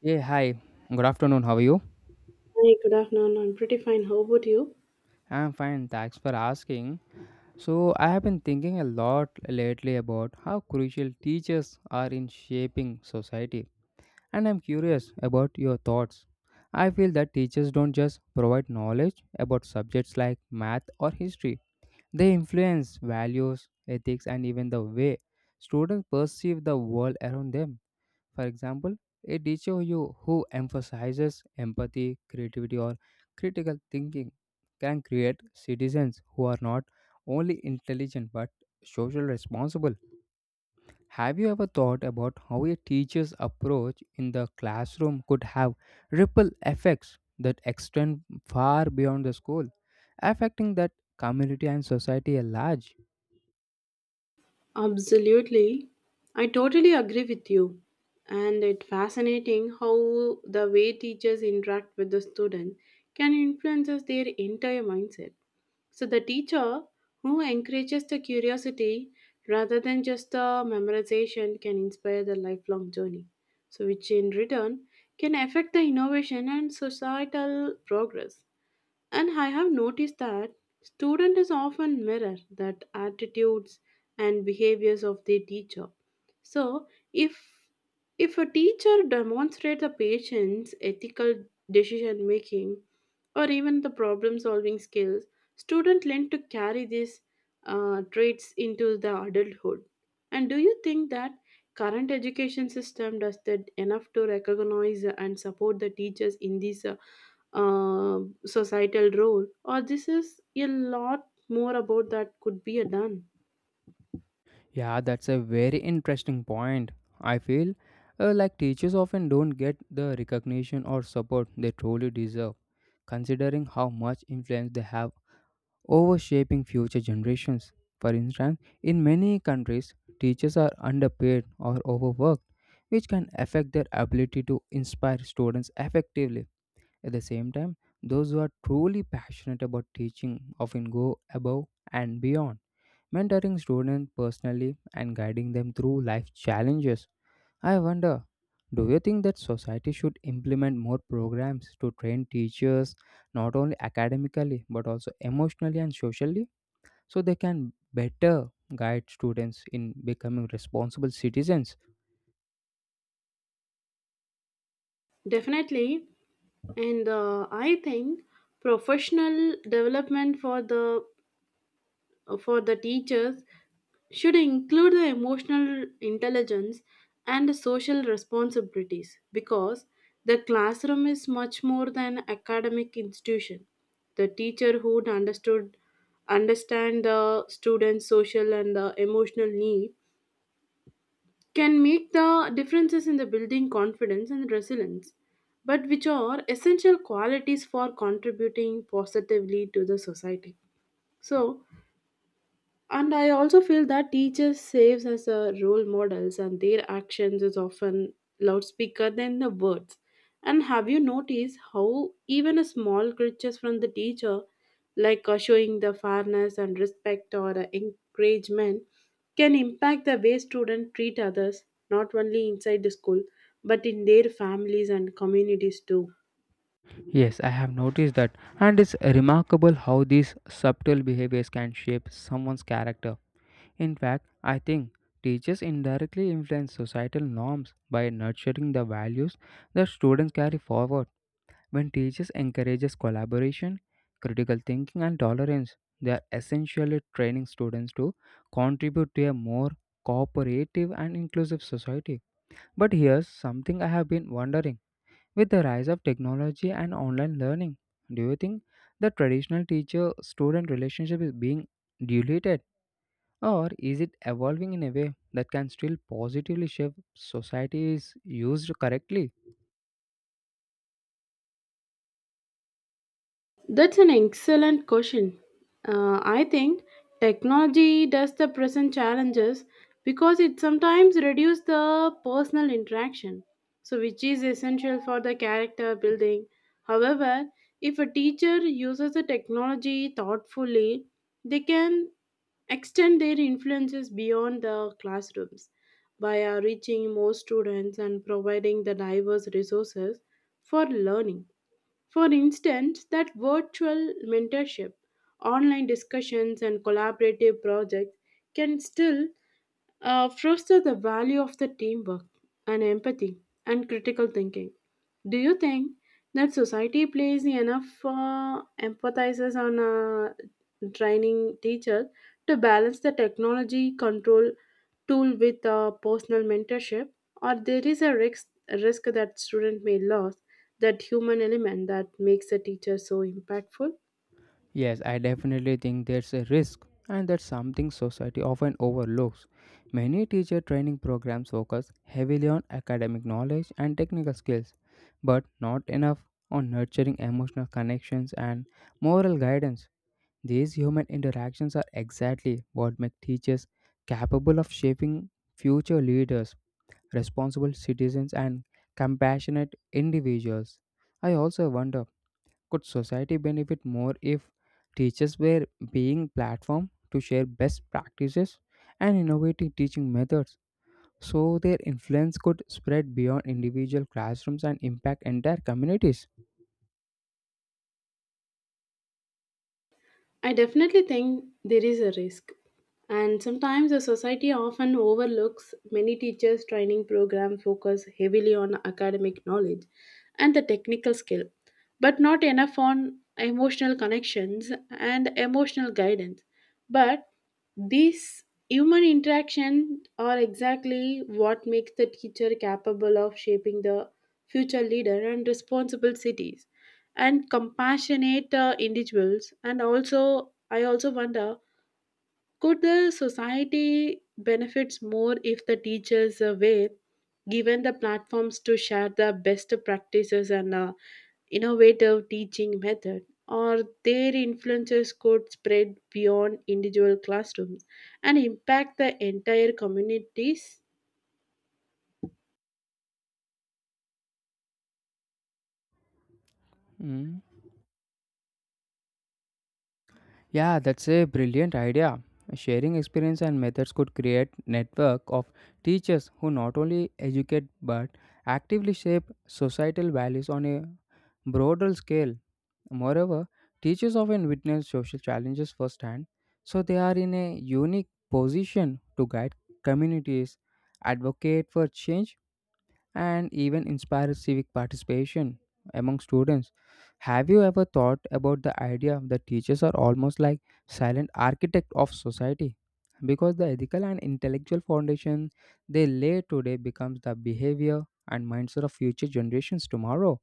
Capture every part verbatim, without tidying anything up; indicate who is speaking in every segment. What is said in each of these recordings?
Speaker 1: Yeah, hi. Good afternoon. How are you?
Speaker 2: Hi, good afternoon. I'm pretty fine. How about you?
Speaker 1: I'm fine. Thanks for asking. So, I have been thinking a lot lately about how crucial teachers are in shaping society, and I'm curious about your thoughts. I feel that teachers don't just provide knowledge about subjects like math or history, they influence values, ethics, and even the way students perceive the world around them. For example, a teacher who, who emphasizes empathy, creativity, or critical thinking can create citizens who are not only intelligent but socially responsible. Have you ever thought about how a teacher's approach in the classroom could have ripple effects that extend far beyond the school, affecting that community and society at large?
Speaker 2: Absolutely. I totally agree with you. And it's fascinating how the way teachers interact with the student can influence their entire mindset. So the teacher who encourages the curiosity rather than just the memorization can inspire the lifelong journey. So which in return can affect the innovation and societal progress. And I have noticed that student is often mirror that attitudes and behaviors of their teacher. So if if a teacher demonstrates a patient's ethical decision making, or even the problem solving skills, students learn to carry these uh, traits into the adulthood. And do you think that current education system does that enough to recognize and support the teachers in this uh, uh, societal role, or this is a lot more about that could be done?
Speaker 1: Yeah, that's a very interesting point. I feel uh, like teachers often don't get the recognition or support they truly deserve, considering how much influence they have over shaping future generations. For instance, in many countries, teachers are underpaid or overworked, which can affect their ability to inspire students effectively. At the same time, those who are truly passionate about teaching often go above and beyond mentoring students personally and guiding them through life challenges. I wonder, do you think that society should implement more programs to train teachers not only academically but also emotionally and socially so they can better guide students in becoming responsible citizens?
Speaker 2: Definitely, and uh, I think professional development for the for the teachers should include the emotional intelligence and the social responsibilities because the classroom is much more than academic institution, the teacher who understood understand the students social and the emotional need can make the differences in the building confidence and resilience but which are essential qualities for contributing positively to the society. So and I also feel that teachers saves as a role models and their actions is often loudspeaker than the words. And have you noticed how even a small gestures from the teacher like uh, showing the fairness and respect or uh, encouragement can impact the way students treat others, not only inside the school but in their families and communities too?
Speaker 1: Yes, I have noticed that, and it's remarkable how these subtle behaviors can shape someone's character. In fact, I think teachers indirectly influence societal norms by nurturing the values that students carry forward. When teachers encourages collaboration, critical thinking and tolerance, they are essentially training students to contribute to a more cooperative and inclusive society. But here's something I have been wondering. With the rise of technology and online learning, do you think the traditional teacher student relationship is being diluted? Or is it evolving in a way that can still positively shape society is used correctly?
Speaker 2: That's an excellent question. Uh, I think technology does the present challenges because it sometimes reduces the personal interaction, so which is essential for the character building. However, if a teacher uses the technology thoughtfully, they can extend their influences beyond the classrooms by uh, reaching more students and providing the diverse resources for learning. For instance, that virtual mentorship, online discussions, and collaborative projects can still uh, foster the value of the teamwork and empathy and critical thinking. Do you think that society plays enough uh, emphasizes on uh, training teachers to balance the technology control tool with uh, personal mentorship, or there is a risk risk that student may lose that human element that makes a teacher so impactful?
Speaker 1: Yes, I definitely think there's a risk, and that's something society often overlooks. Many teacher training programs focus heavily on academic knowledge and technical skills, but not enough on nurturing emotional connections and moral guidance. These human interactions are exactly what make teachers capable of shaping future leaders responsible citizens, and compassionate individuals. I also wonder, could society benefit more if teachers were being platform to share best practices and innovative teaching methods so their influence could spread beyond individual classrooms and impact entire communities?
Speaker 2: I definitely think there is a risk. And sometimes the society often overlooks many teachers' training program focus heavily on academic knowledge and the technical skill, but not enough on emotional connections and emotional guidance. But these human interaction are exactly what makes the teacher capable of shaping the future leader and responsible cities and compassionate uh, individuals. And also I also wonder, could the society benefits more if the teachers uh, were given the platforms to share the best practices and uh, innovative teaching method or their influences could spread beyond individual classrooms and impact the entire communities?
Speaker 1: Hmm. Yeah, that's a brilliant idea. Sharing experience and methods could create network of teachers who not only educate but actively shape societal values on a broader scale. Moreover, teachers often witness social challenges firsthand, so they are in a unique position to guide communities, advocate for change, and even inspire civic participation among students. Have you ever thought about the idea that teachers are almost like silent architect of society? Because the ethical and intellectual foundation they lay today becomes the behavior and mindset of future generations tomorrow.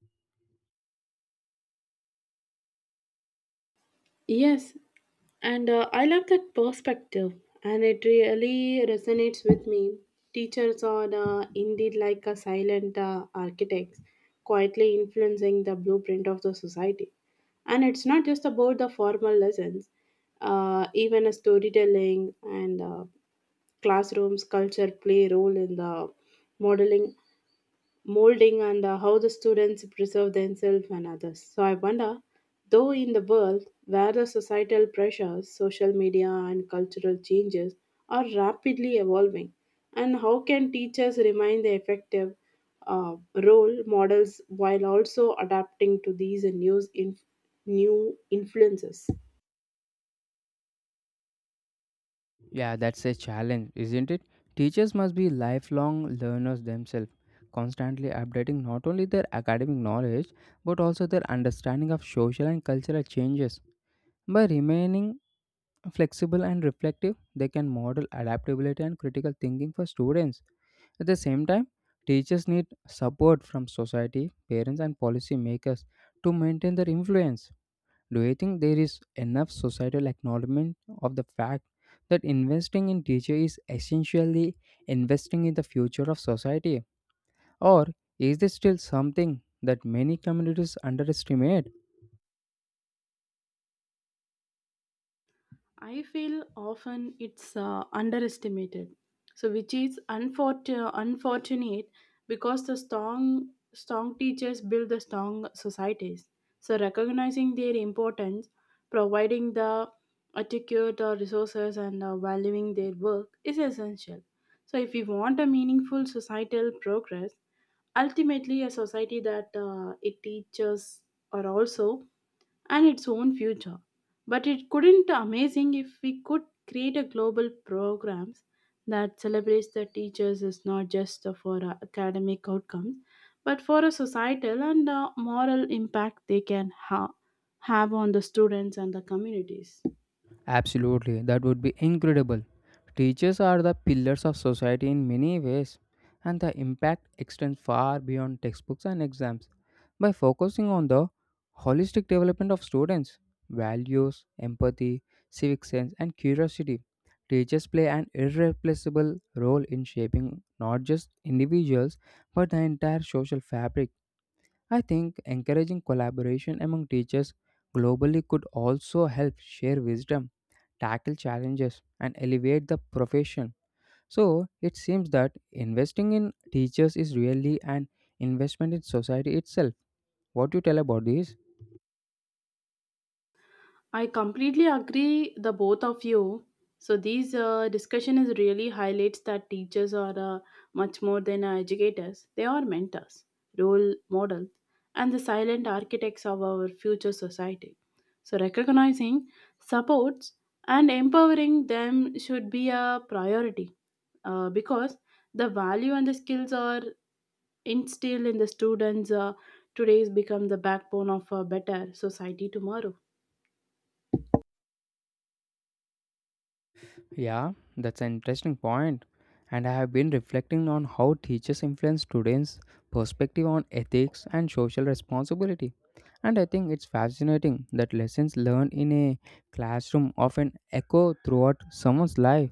Speaker 2: Yes. And uh, I love that perspective, and it really resonates with me. Teachers are uh, indeed like a silent uh, architects, quietly influencing the blueprint of the society. And it's not just about the formal lessons, uh, even a storytelling and uh, classrooms culture play a role in the modeling molding and uh, how the students preserve themselves and others. So I wonder, though, in the world where the societal pressures, social media, and cultural changes are rapidly evolving, and how can teachers remain the effective uh, role models while also adapting to these new inf- new influences?
Speaker 1: Yeah, that's a challenge, isn't it? Teachers must be lifelong learners themselves, constantly updating not only their academic knowledge but also their understanding of social and cultural changes. By remaining flexible and reflective, they can model adaptability and critical thinking for students. At the same time, teachers need support from society, parents, and policymakers to maintain their influence. Do you think there is enough societal acknowledgement of the fact that investing in teachers is essentially investing in the future of society? Or is this still something that many communities underestimate?
Speaker 2: I feel often it's uh, underestimated, so which is unfortunate, unfortunate because the strong strong teachers build the strong societies. So recognizing their importance, providing the adequate uh, resources and uh, valuing their work is essential. So if we want a meaningful societal progress, ultimately a society that uh, it teaches are also and its own future. But it couldn't amazing if we could create a global programs that celebrates the teachers is not just for uh, academic outcomes, but for a societal and uh, moral impact they can ha- have on the students and the communities.
Speaker 1: Absolutely, that would be incredible. Teachers are the pillars of society in many ways, and the impact extends far beyond textbooks and exams. By focusing on the holistic development of students, values, empathy, civic sense, and curiosity, teachers play an irreplaceable role in shaping not just individuals but the entire social fabric. I think encouraging collaboration among teachers globally could also help share wisdom, tackle challenges, and elevate the profession. So it seems that investing in teachers is really an investment in society itself. What do you tell about this?
Speaker 2: I completely agree the both of you. So these uh, discussion is really highlights that teachers are uh, much more than uh, educators. They are mentors, role models, and the silent architects of our future society. So recognizing, supports, and empowering them should be a priority uh, because the value and the skills are instilled in the students uh, today's become the backbone of a better society tomorrow.
Speaker 1: Yeah, that's an interesting point. And I have been reflecting on how teachers influence students' perspective on ethics and social responsibility. And I think it's fascinating that lessons learned in a classroom often echo throughout someone's life.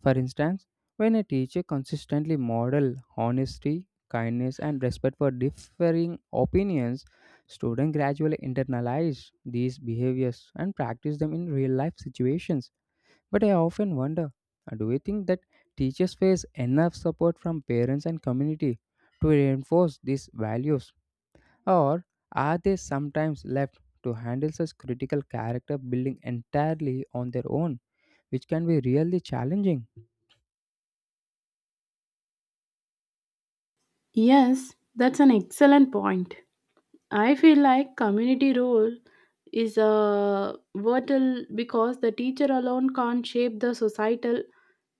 Speaker 1: For instance, when a teacher consistently models honesty, kindness, and respect for differing opinions, students gradually internalize these behaviors and practice them in real life situations. But I often wonder, uh, do you think that teachers face enough support from parents and community to reinforce these values? Or are they sometimes left to handle such critical character building entirely on their own, which can be really challenging?
Speaker 2: Yes, that's an excellent point. I feel like community role is a vital because the teacher alone can't shape the societal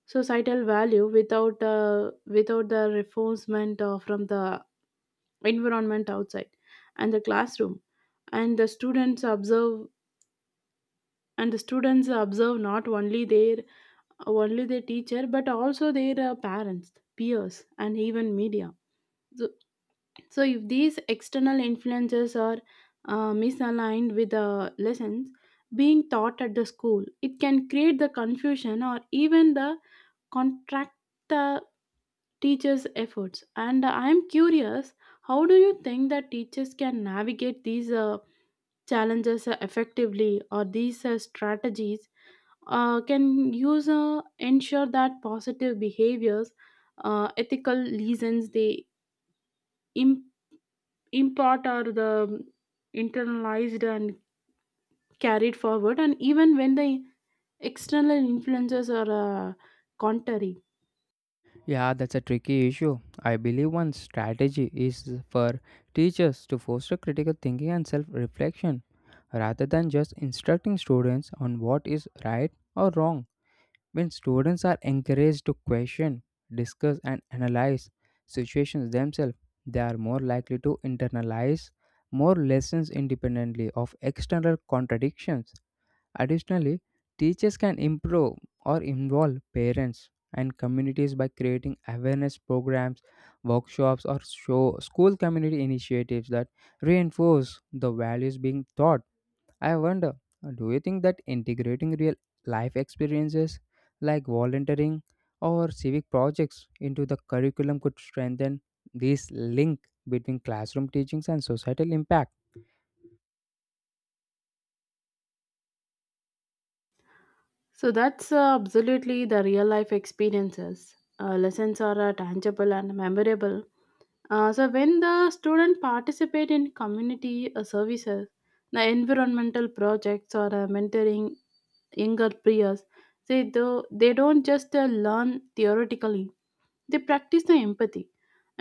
Speaker 2: societal value without uh, without the reinforcement uh, from the environment outside and the classroom. And the students observe and the students observe not only their only their teacher but also their uh, parents peers and even media. So, So, if these external influences are uh, misaligned with the lessons being taught at the school, it can create the confusion or even the contract the teachers' efforts. And I am curious, how do you think that teachers can navigate these uh, challenges uh, effectively, or these uh, strategies uh, can use uh, ensure that positive behaviors, uh, ethical reasons they improve import or the internalized and carried forward and even when the external influences are uh, contrary.
Speaker 1: Yeah, that's a tricky issue. I believe one strategy is for teachers to foster critical thinking and self reflection rather than just instructing students on what is right or wrong. When students are encouraged to question, discuss, and analyze situations themselves, they are more likely to internalize more lessons independently of external contradictions. Additionally, teachers can improve or involve parents and communities by creating awareness programs, workshops, or show school community initiatives that reinforce the values being taught. I wonder, uh, do you think that integrating real life experiences like volunteering or civic projects into the curriculum could strengthen this link between classroom teachings and societal impact?
Speaker 2: So that's uh, absolutely the real life experiences uh, lessons are uh, tangible and memorable, uh, so when the student participate in community uh, services, the environmental projects or uh, mentoring younger peers, they do they don't just uh, learn theoretically. They practice the empathy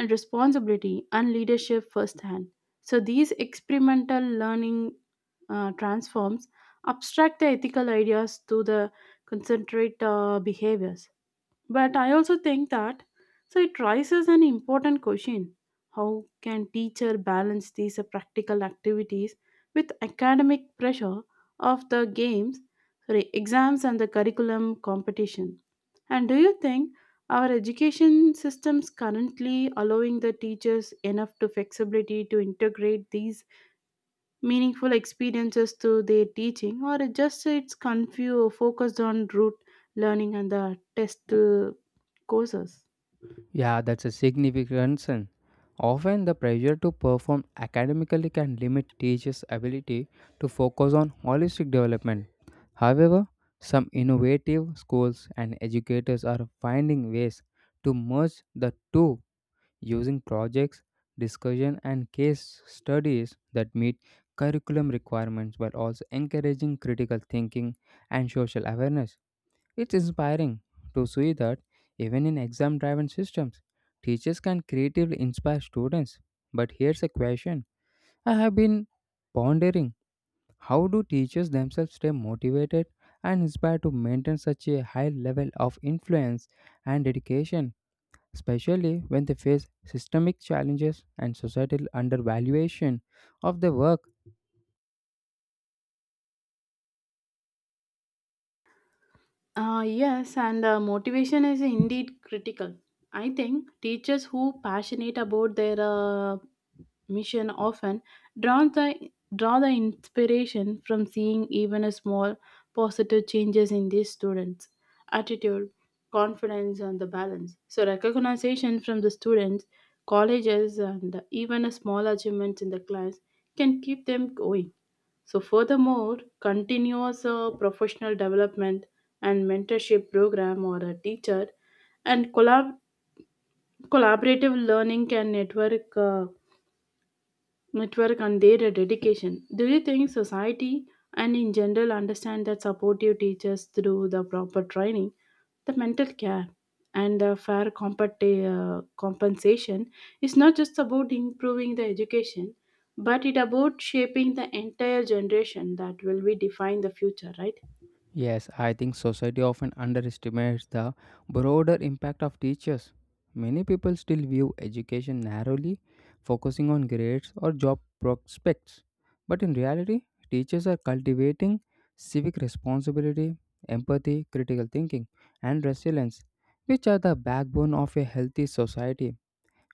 Speaker 2: and responsibility and leadership firsthand. So these experimental learning uh, transforms abstract the ethical ideas to the concentrate uh, behaviors. But I also think that so it raises an important question: How can teacher balance these uh, practical activities with academic pressure of the games, sorry, exams and the curriculum competition? And do you think our education systems currently allowing the teachers enough to flexibility to integrate these meaningful experiences to their teaching or it just it's confused focused on rote learning and the test uh, courses?
Speaker 1: Yeah, that's a significant concern. Often, the pressure to perform academically can limit teachers' ability to focus on holistic development. However, some innovative schools and educators are finding ways to merge the two using projects, discussion, and case studies that meet curriculum requirements while also encouraging critical thinking and social awareness. It's inspiring to see that even in exam driven systems, teachers can creatively inspire students. But here's a question I have been pondering: how do teachers themselves stay motivated and inspired to maintain such a high level of influence and dedication, especially when they face systemic challenges and societal undervaluation of their work?
Speaker 2: Uh, yes, and uh, motivation is indeed critical. I think teachers who passionate about their uh, mission often draw the draw the inspiration from seeing even a small positive changes in these students' attitude, confidence, and the balance. So recognition from the students, colleges, and even a small achievement in the class can keep them going. So, furthermore, continuous uh, professional development and mentorship program or a teacher and collab- collaborative learning and network. Uh, network and their dedication. Do you think society and in general understand that supportive teachers through the proper training, the mental care, and the fair compet- uh, compensation is not just about improving the education, but it about shaping the entire generation that will be define the future, right?
Speaker 1: Yes, I think society often underestimates the broader impact of teachers. Many people still view education narrowly, focusing on grades or job prospects. But in reality, teachers are cultivating civic responsibility, empathy, critical thinking, and resilience, which are the backbone of a healthy society.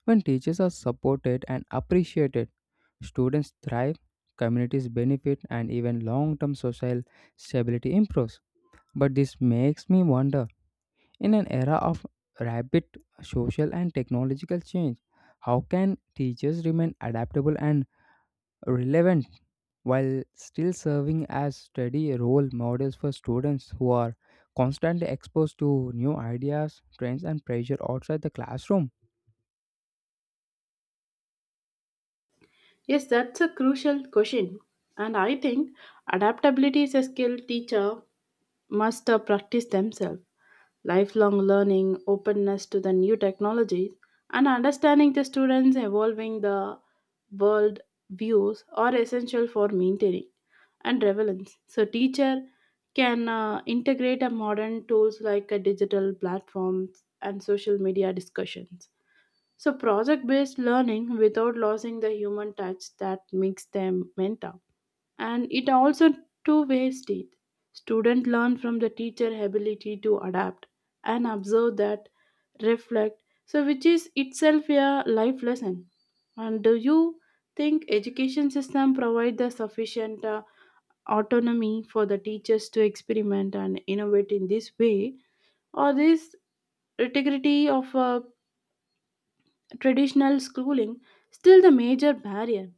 Speaker 1: When teachers are supported and appreciated, students thrive, communities benefit, and even long term social stability improves. But this makes me wonder, in an era of rapid social and technological change, how can teachers remain adaptable and relevant while still serving as steady role models for students who are constantly exposed to new ideas, trends, and pressure outside the classroom?
Speaker 2: Yes, that's a crucial question. And I think adaptability is a skill teacher must uh, practice themselves lifelong learning, openness to the new technologies, and understanding the students' evolving the world views are essential for maintaining and relevance. So, teacher can uh, integrate a modern tools like a digital platforms and social media discussions. So, project-based learning without losing the human touch that makes them mentor and it also two-way street. Students learn from the teacher ability to adapt and observe that reflect so which is itself a life lesson. And do you think education system provide the sufficient uh, autonomy for the teachers to experiment and innovate in this way or this integrity of uh, traditional schooling still the major barrier?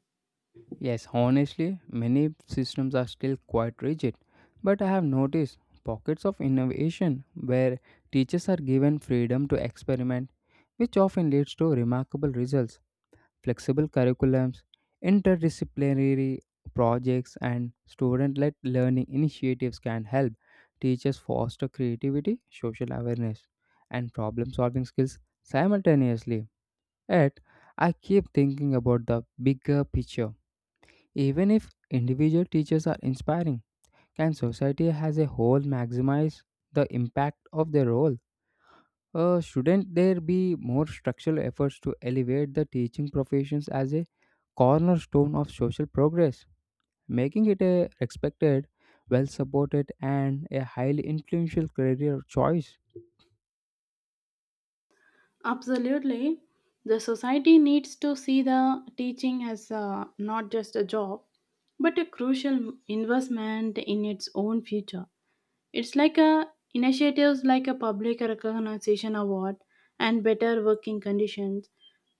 Speaker 1: Yes, honestly, many systems are still quite rigid, but I have noticed pockets of innovation where teachers are given freedom to experiment, which often leads to remarkable results. Flexible curriculums, interdisciplinary projects, and student led learning initiatives can help teachers foster creativity, social awareness, and problem solving skills simultaneously. Yet, I keep thinking about the bigger picture: even if individual teachers are inspiring, can society as a whole maximize the impact of their role? Uh, shouldn't there be more structural efforts to elevate the teaching professions as a cornerstone of social progress, making it a respected, well supported, and a highly influential career choice?
Speaker 2: Absolutely. The society needs to see the teaching as uh, not just a job, but a crucial investment in its own future. It's like a initiatives like a public recognition award and better working conditions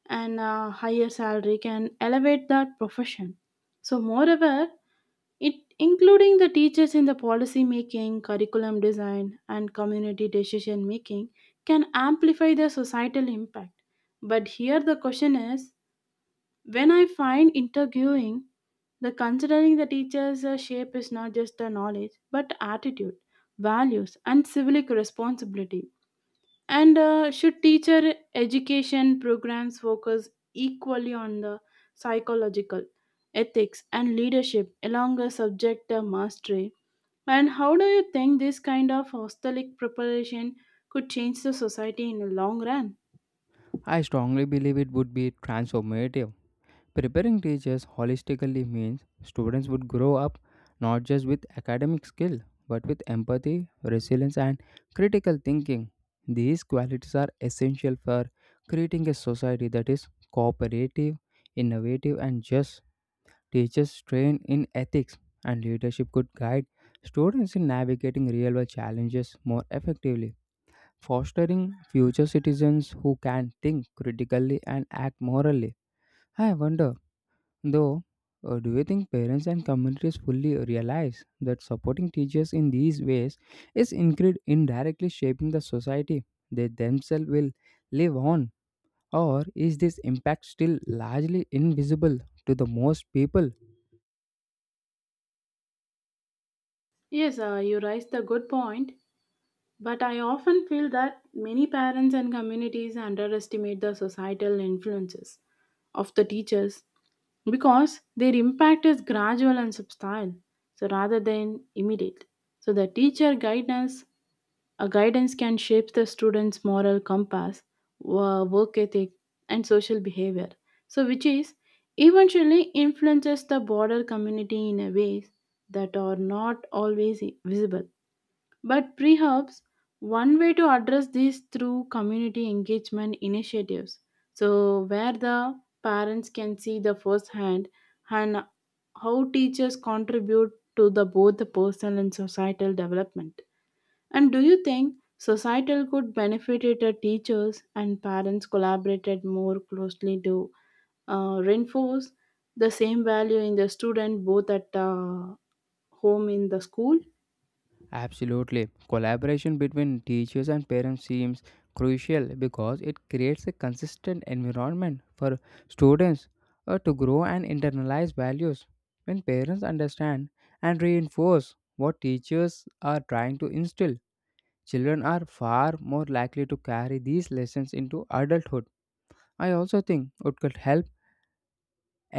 Speaker 2: and a higher salary can elevate that profession. So moreover, it including the teachers in the policy making, curriculum design, and community decision making can amplify the societal impact. But here the question is when I find interviewing the considering the teacher's uh, shape is not just the knowledge but attitude, values, and civic responsibility. And uh, should teacher education programs focus equally on the psychological, ethics, and leadership along a subject uh, mastery? And how do you think this kind of hostelic preparation could change the society in the long run?
Speaker 1: I strongly believe it would be transformative. Preparing teachers holistically means students would grow up not just with academic skill but with empathy, resilience, and critical thinking. These qualities are essential for creating a society that is cooperative, innovative, and just. Teachers trained in ethics and leadership could guide students in navigating real world challenges more effectively, fostering future citizens who can think critically and act morally. I wonder though, uh, do you think parents and communities fully realize that supporting teachers in these ways is incre- indirectly shaping the society they themselves will live on? Or is this impact still largely invisible to the most people?
Speaker 2: Yes, uh, you raised a good point, but I often feel that many parents and communities underestimate the societal influences of the teachers because their impact is gradual and subtle, so rather than immediate. So the teacher guidance a guidance can shape the student's moral compass, wo- work ethic, and social behavior, so which is eventually influences the broader community in a ways that are not always visible, but perhaps one way to address this through community engagement initiatives. So where the parents can see the first hand and how teachers contribute to the both the personal and societal development. And do you think societal could benefit it if teachers and parents collaborated more closely to uh, reinforce the same value in the student both at uh, home in the school?
Speaker 1: Absolutely. Collaboration between teachers and parents seems crucial because it creates a consistent environment for students uh, to grow and internalize values. When parents understand and reinforce what teachers are trying to instill, children are far more likely to carry these lessons into adulthood. I also think it could help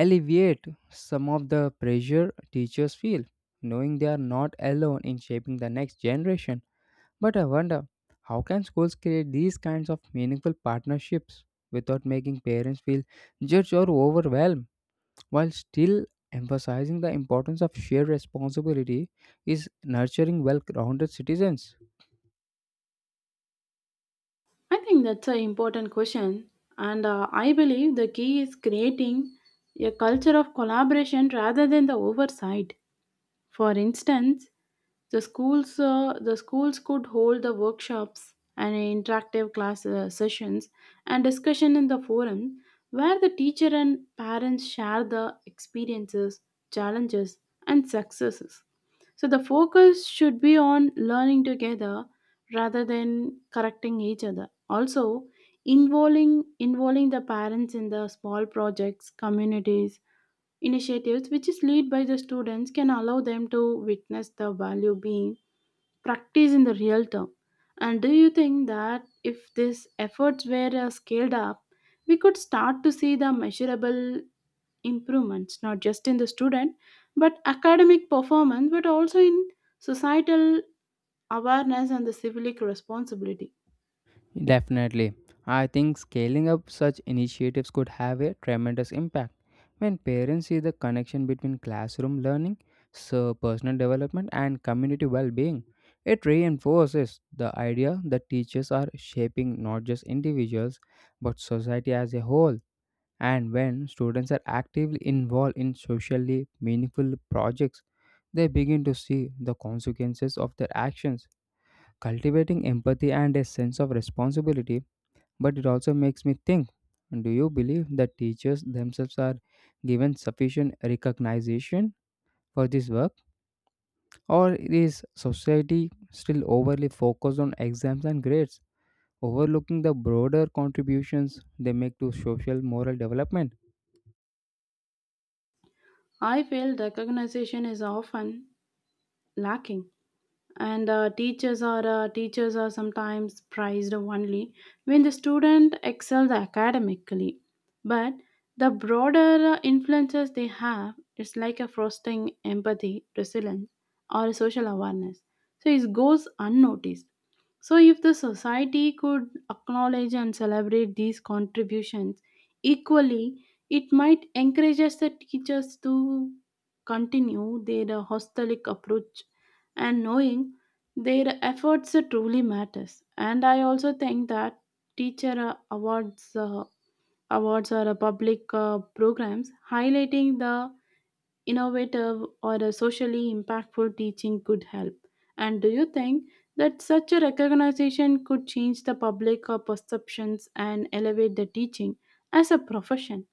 Speaker 1: alleviate some of the pressure teachers feel, knowing they are not alone in shaping the next generation. But I wonder, how can schools create these kinds of meaningful partnerships without making parents feel judged or overwhelmed while still emphasizing the importance of shared responsibility is nurturing well-rounded citizens.
Speaker 2: I think that's an important question, and uh, I believe the key is creating a culture of collaboration rather than the oversight. For instance, the schools uh, the schools could hold the workshops and interactive class uh, sessions and discussion in the forum where the teacher and parents share the experiences, challenges, and successes. So the focus should be on learning together rather than correcting each other. Also, involving involving the parents in the small projects, communities, initiatives which is led by the students can allow them to witness the value being practiced in the real term. And do you think that if these efforts were uh, scaled up, we could start to see the measurable improvements not just in the student but academic performance but also in societal awareness and the civic responsibility?
Speaker 1: Definitely. I think scaling up such initiatives could have a tremendous impact. When parents see the connection between classroom learning, so personal development, and community well being, it reinforces the idea that teachers are shaping not just individuals but society as a whole. And when students are actively involved in socially meaningful projects, they begin to see the consequences of their actions, cultivating empathy and a sense of responsibility. But it also makes me think, do you believe that teachers themselves are given sufficient recognition for this work? Or is society still overly focused on exams and grades, overlooking the broader contributions they make to social moral development?
Speaker 2: I feel recognition is often lacking and uh, teachers are uh, teachers are sometimes prized only when the student excels academically but the broader uh, influences they have it's like a fostering empathy resilience or social awareness so it goes unnoticed. So if the society could acknowledge and celebrate these contributions equally, it might encourage us the teachers to continue their uh, holistic approach and knowing their efforts truly matters. And I also think that teacher uh, awards uh, awards or uh, public uh, programs highlighting the innovative or uh, socially impactful teaching could help. And do you think that such a recognition could change the public uh, perceptions and elevate the teaching as a profession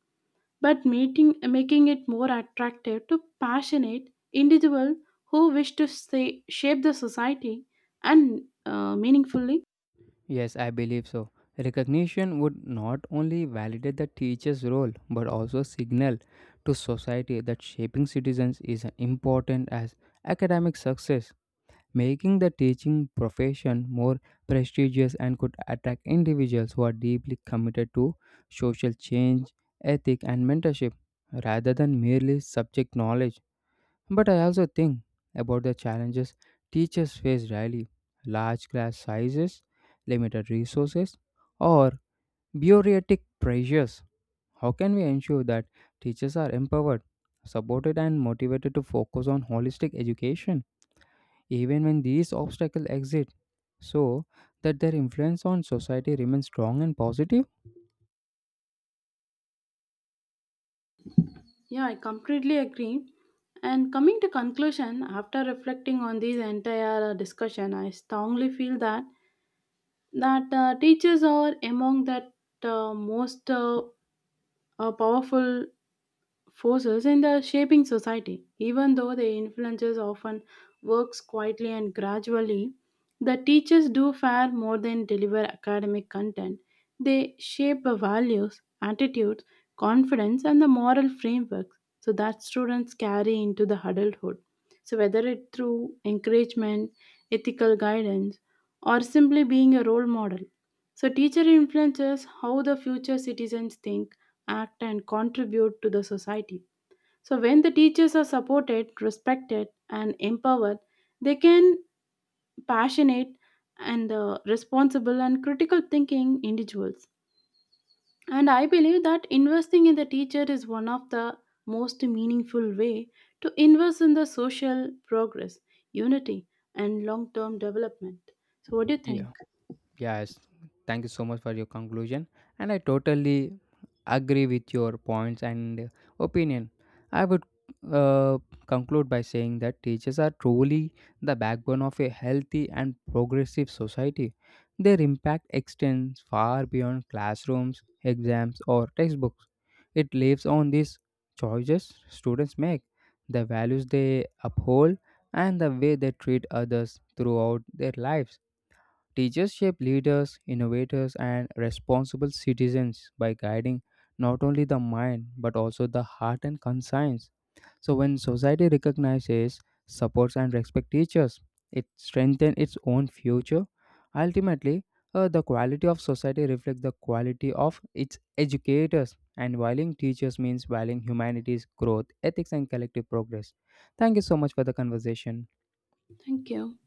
Speaker 2: but meeting, making it more attractive to passionate individuals who wish to say, shape the society and uh, meaningfully?
Speaker 1: Yes, I believe so. Recognition would not only validate the teacher's role but also signal to society that shaping citizens is as important as academic success, making the teaching profession more prestigious and could attract individuals who are deeply committed to social change, ethic, and mentorship rather than merely subject knowledge. But I also think about the challenges teachers face daily: large class sizes, limited resources, or bureaucratic pressures. How can we ensure that teachers are empowered, supported, and motivated to focus on holistic education, even when these obstacles exist, so that their influence on society remains strong and positive?
Speaker 2: Yeah, I completely agree. And coming to conclusion, after reflecting on this entire uh, discussion, I strongly feel that that uh, teachers are among that uh, most uh, uh, powerful forces in the shaping society. Even though the influences often works quietly and gradually, the teachers do far more than deliver academic content. They shape the values, attitudes, confidence, and the moral frameworks so that students carry into the adulthood. So whether it through encouragement, ethical guidance, or simply being a role model. So teacher influences how the future citizens think, act, and contribute to the society. So, when the teachers are supported, respected, and empowered, they can passionate and uh, responsible and critical thinking individuals. And I believe that investing in the teacher is one of the most meaningful way to invest in the social progress, unity, and long-term development. So, what do you
Speaker 1: Yeah.
Speaker 2: think?
Speaker 1: Yes, thank you so much for your conclusion, and I totally agree with your points and opinion. I would uh, conclude by saying that teachers are truly the backbone of a healthy and progressive society. Their impact extends far beyond classrooms, exams, or textbooks. It lives on these choices students make, the values they uphold, and the way they treat others throughout their lives. Teachers shape leaders, innovators, and responsible citizens by guiding not only the mind but also the heart and conscience. So, when society recognizes, supports, and respects teachers, it strengthens its own future. Ultimately, uh, the quality of society reflects the quality of its educators, and valuing teachers means valuing humanity's growth, ethics, and collective progress. Thank you so much for the conversation.
Speaker 2: Thank you.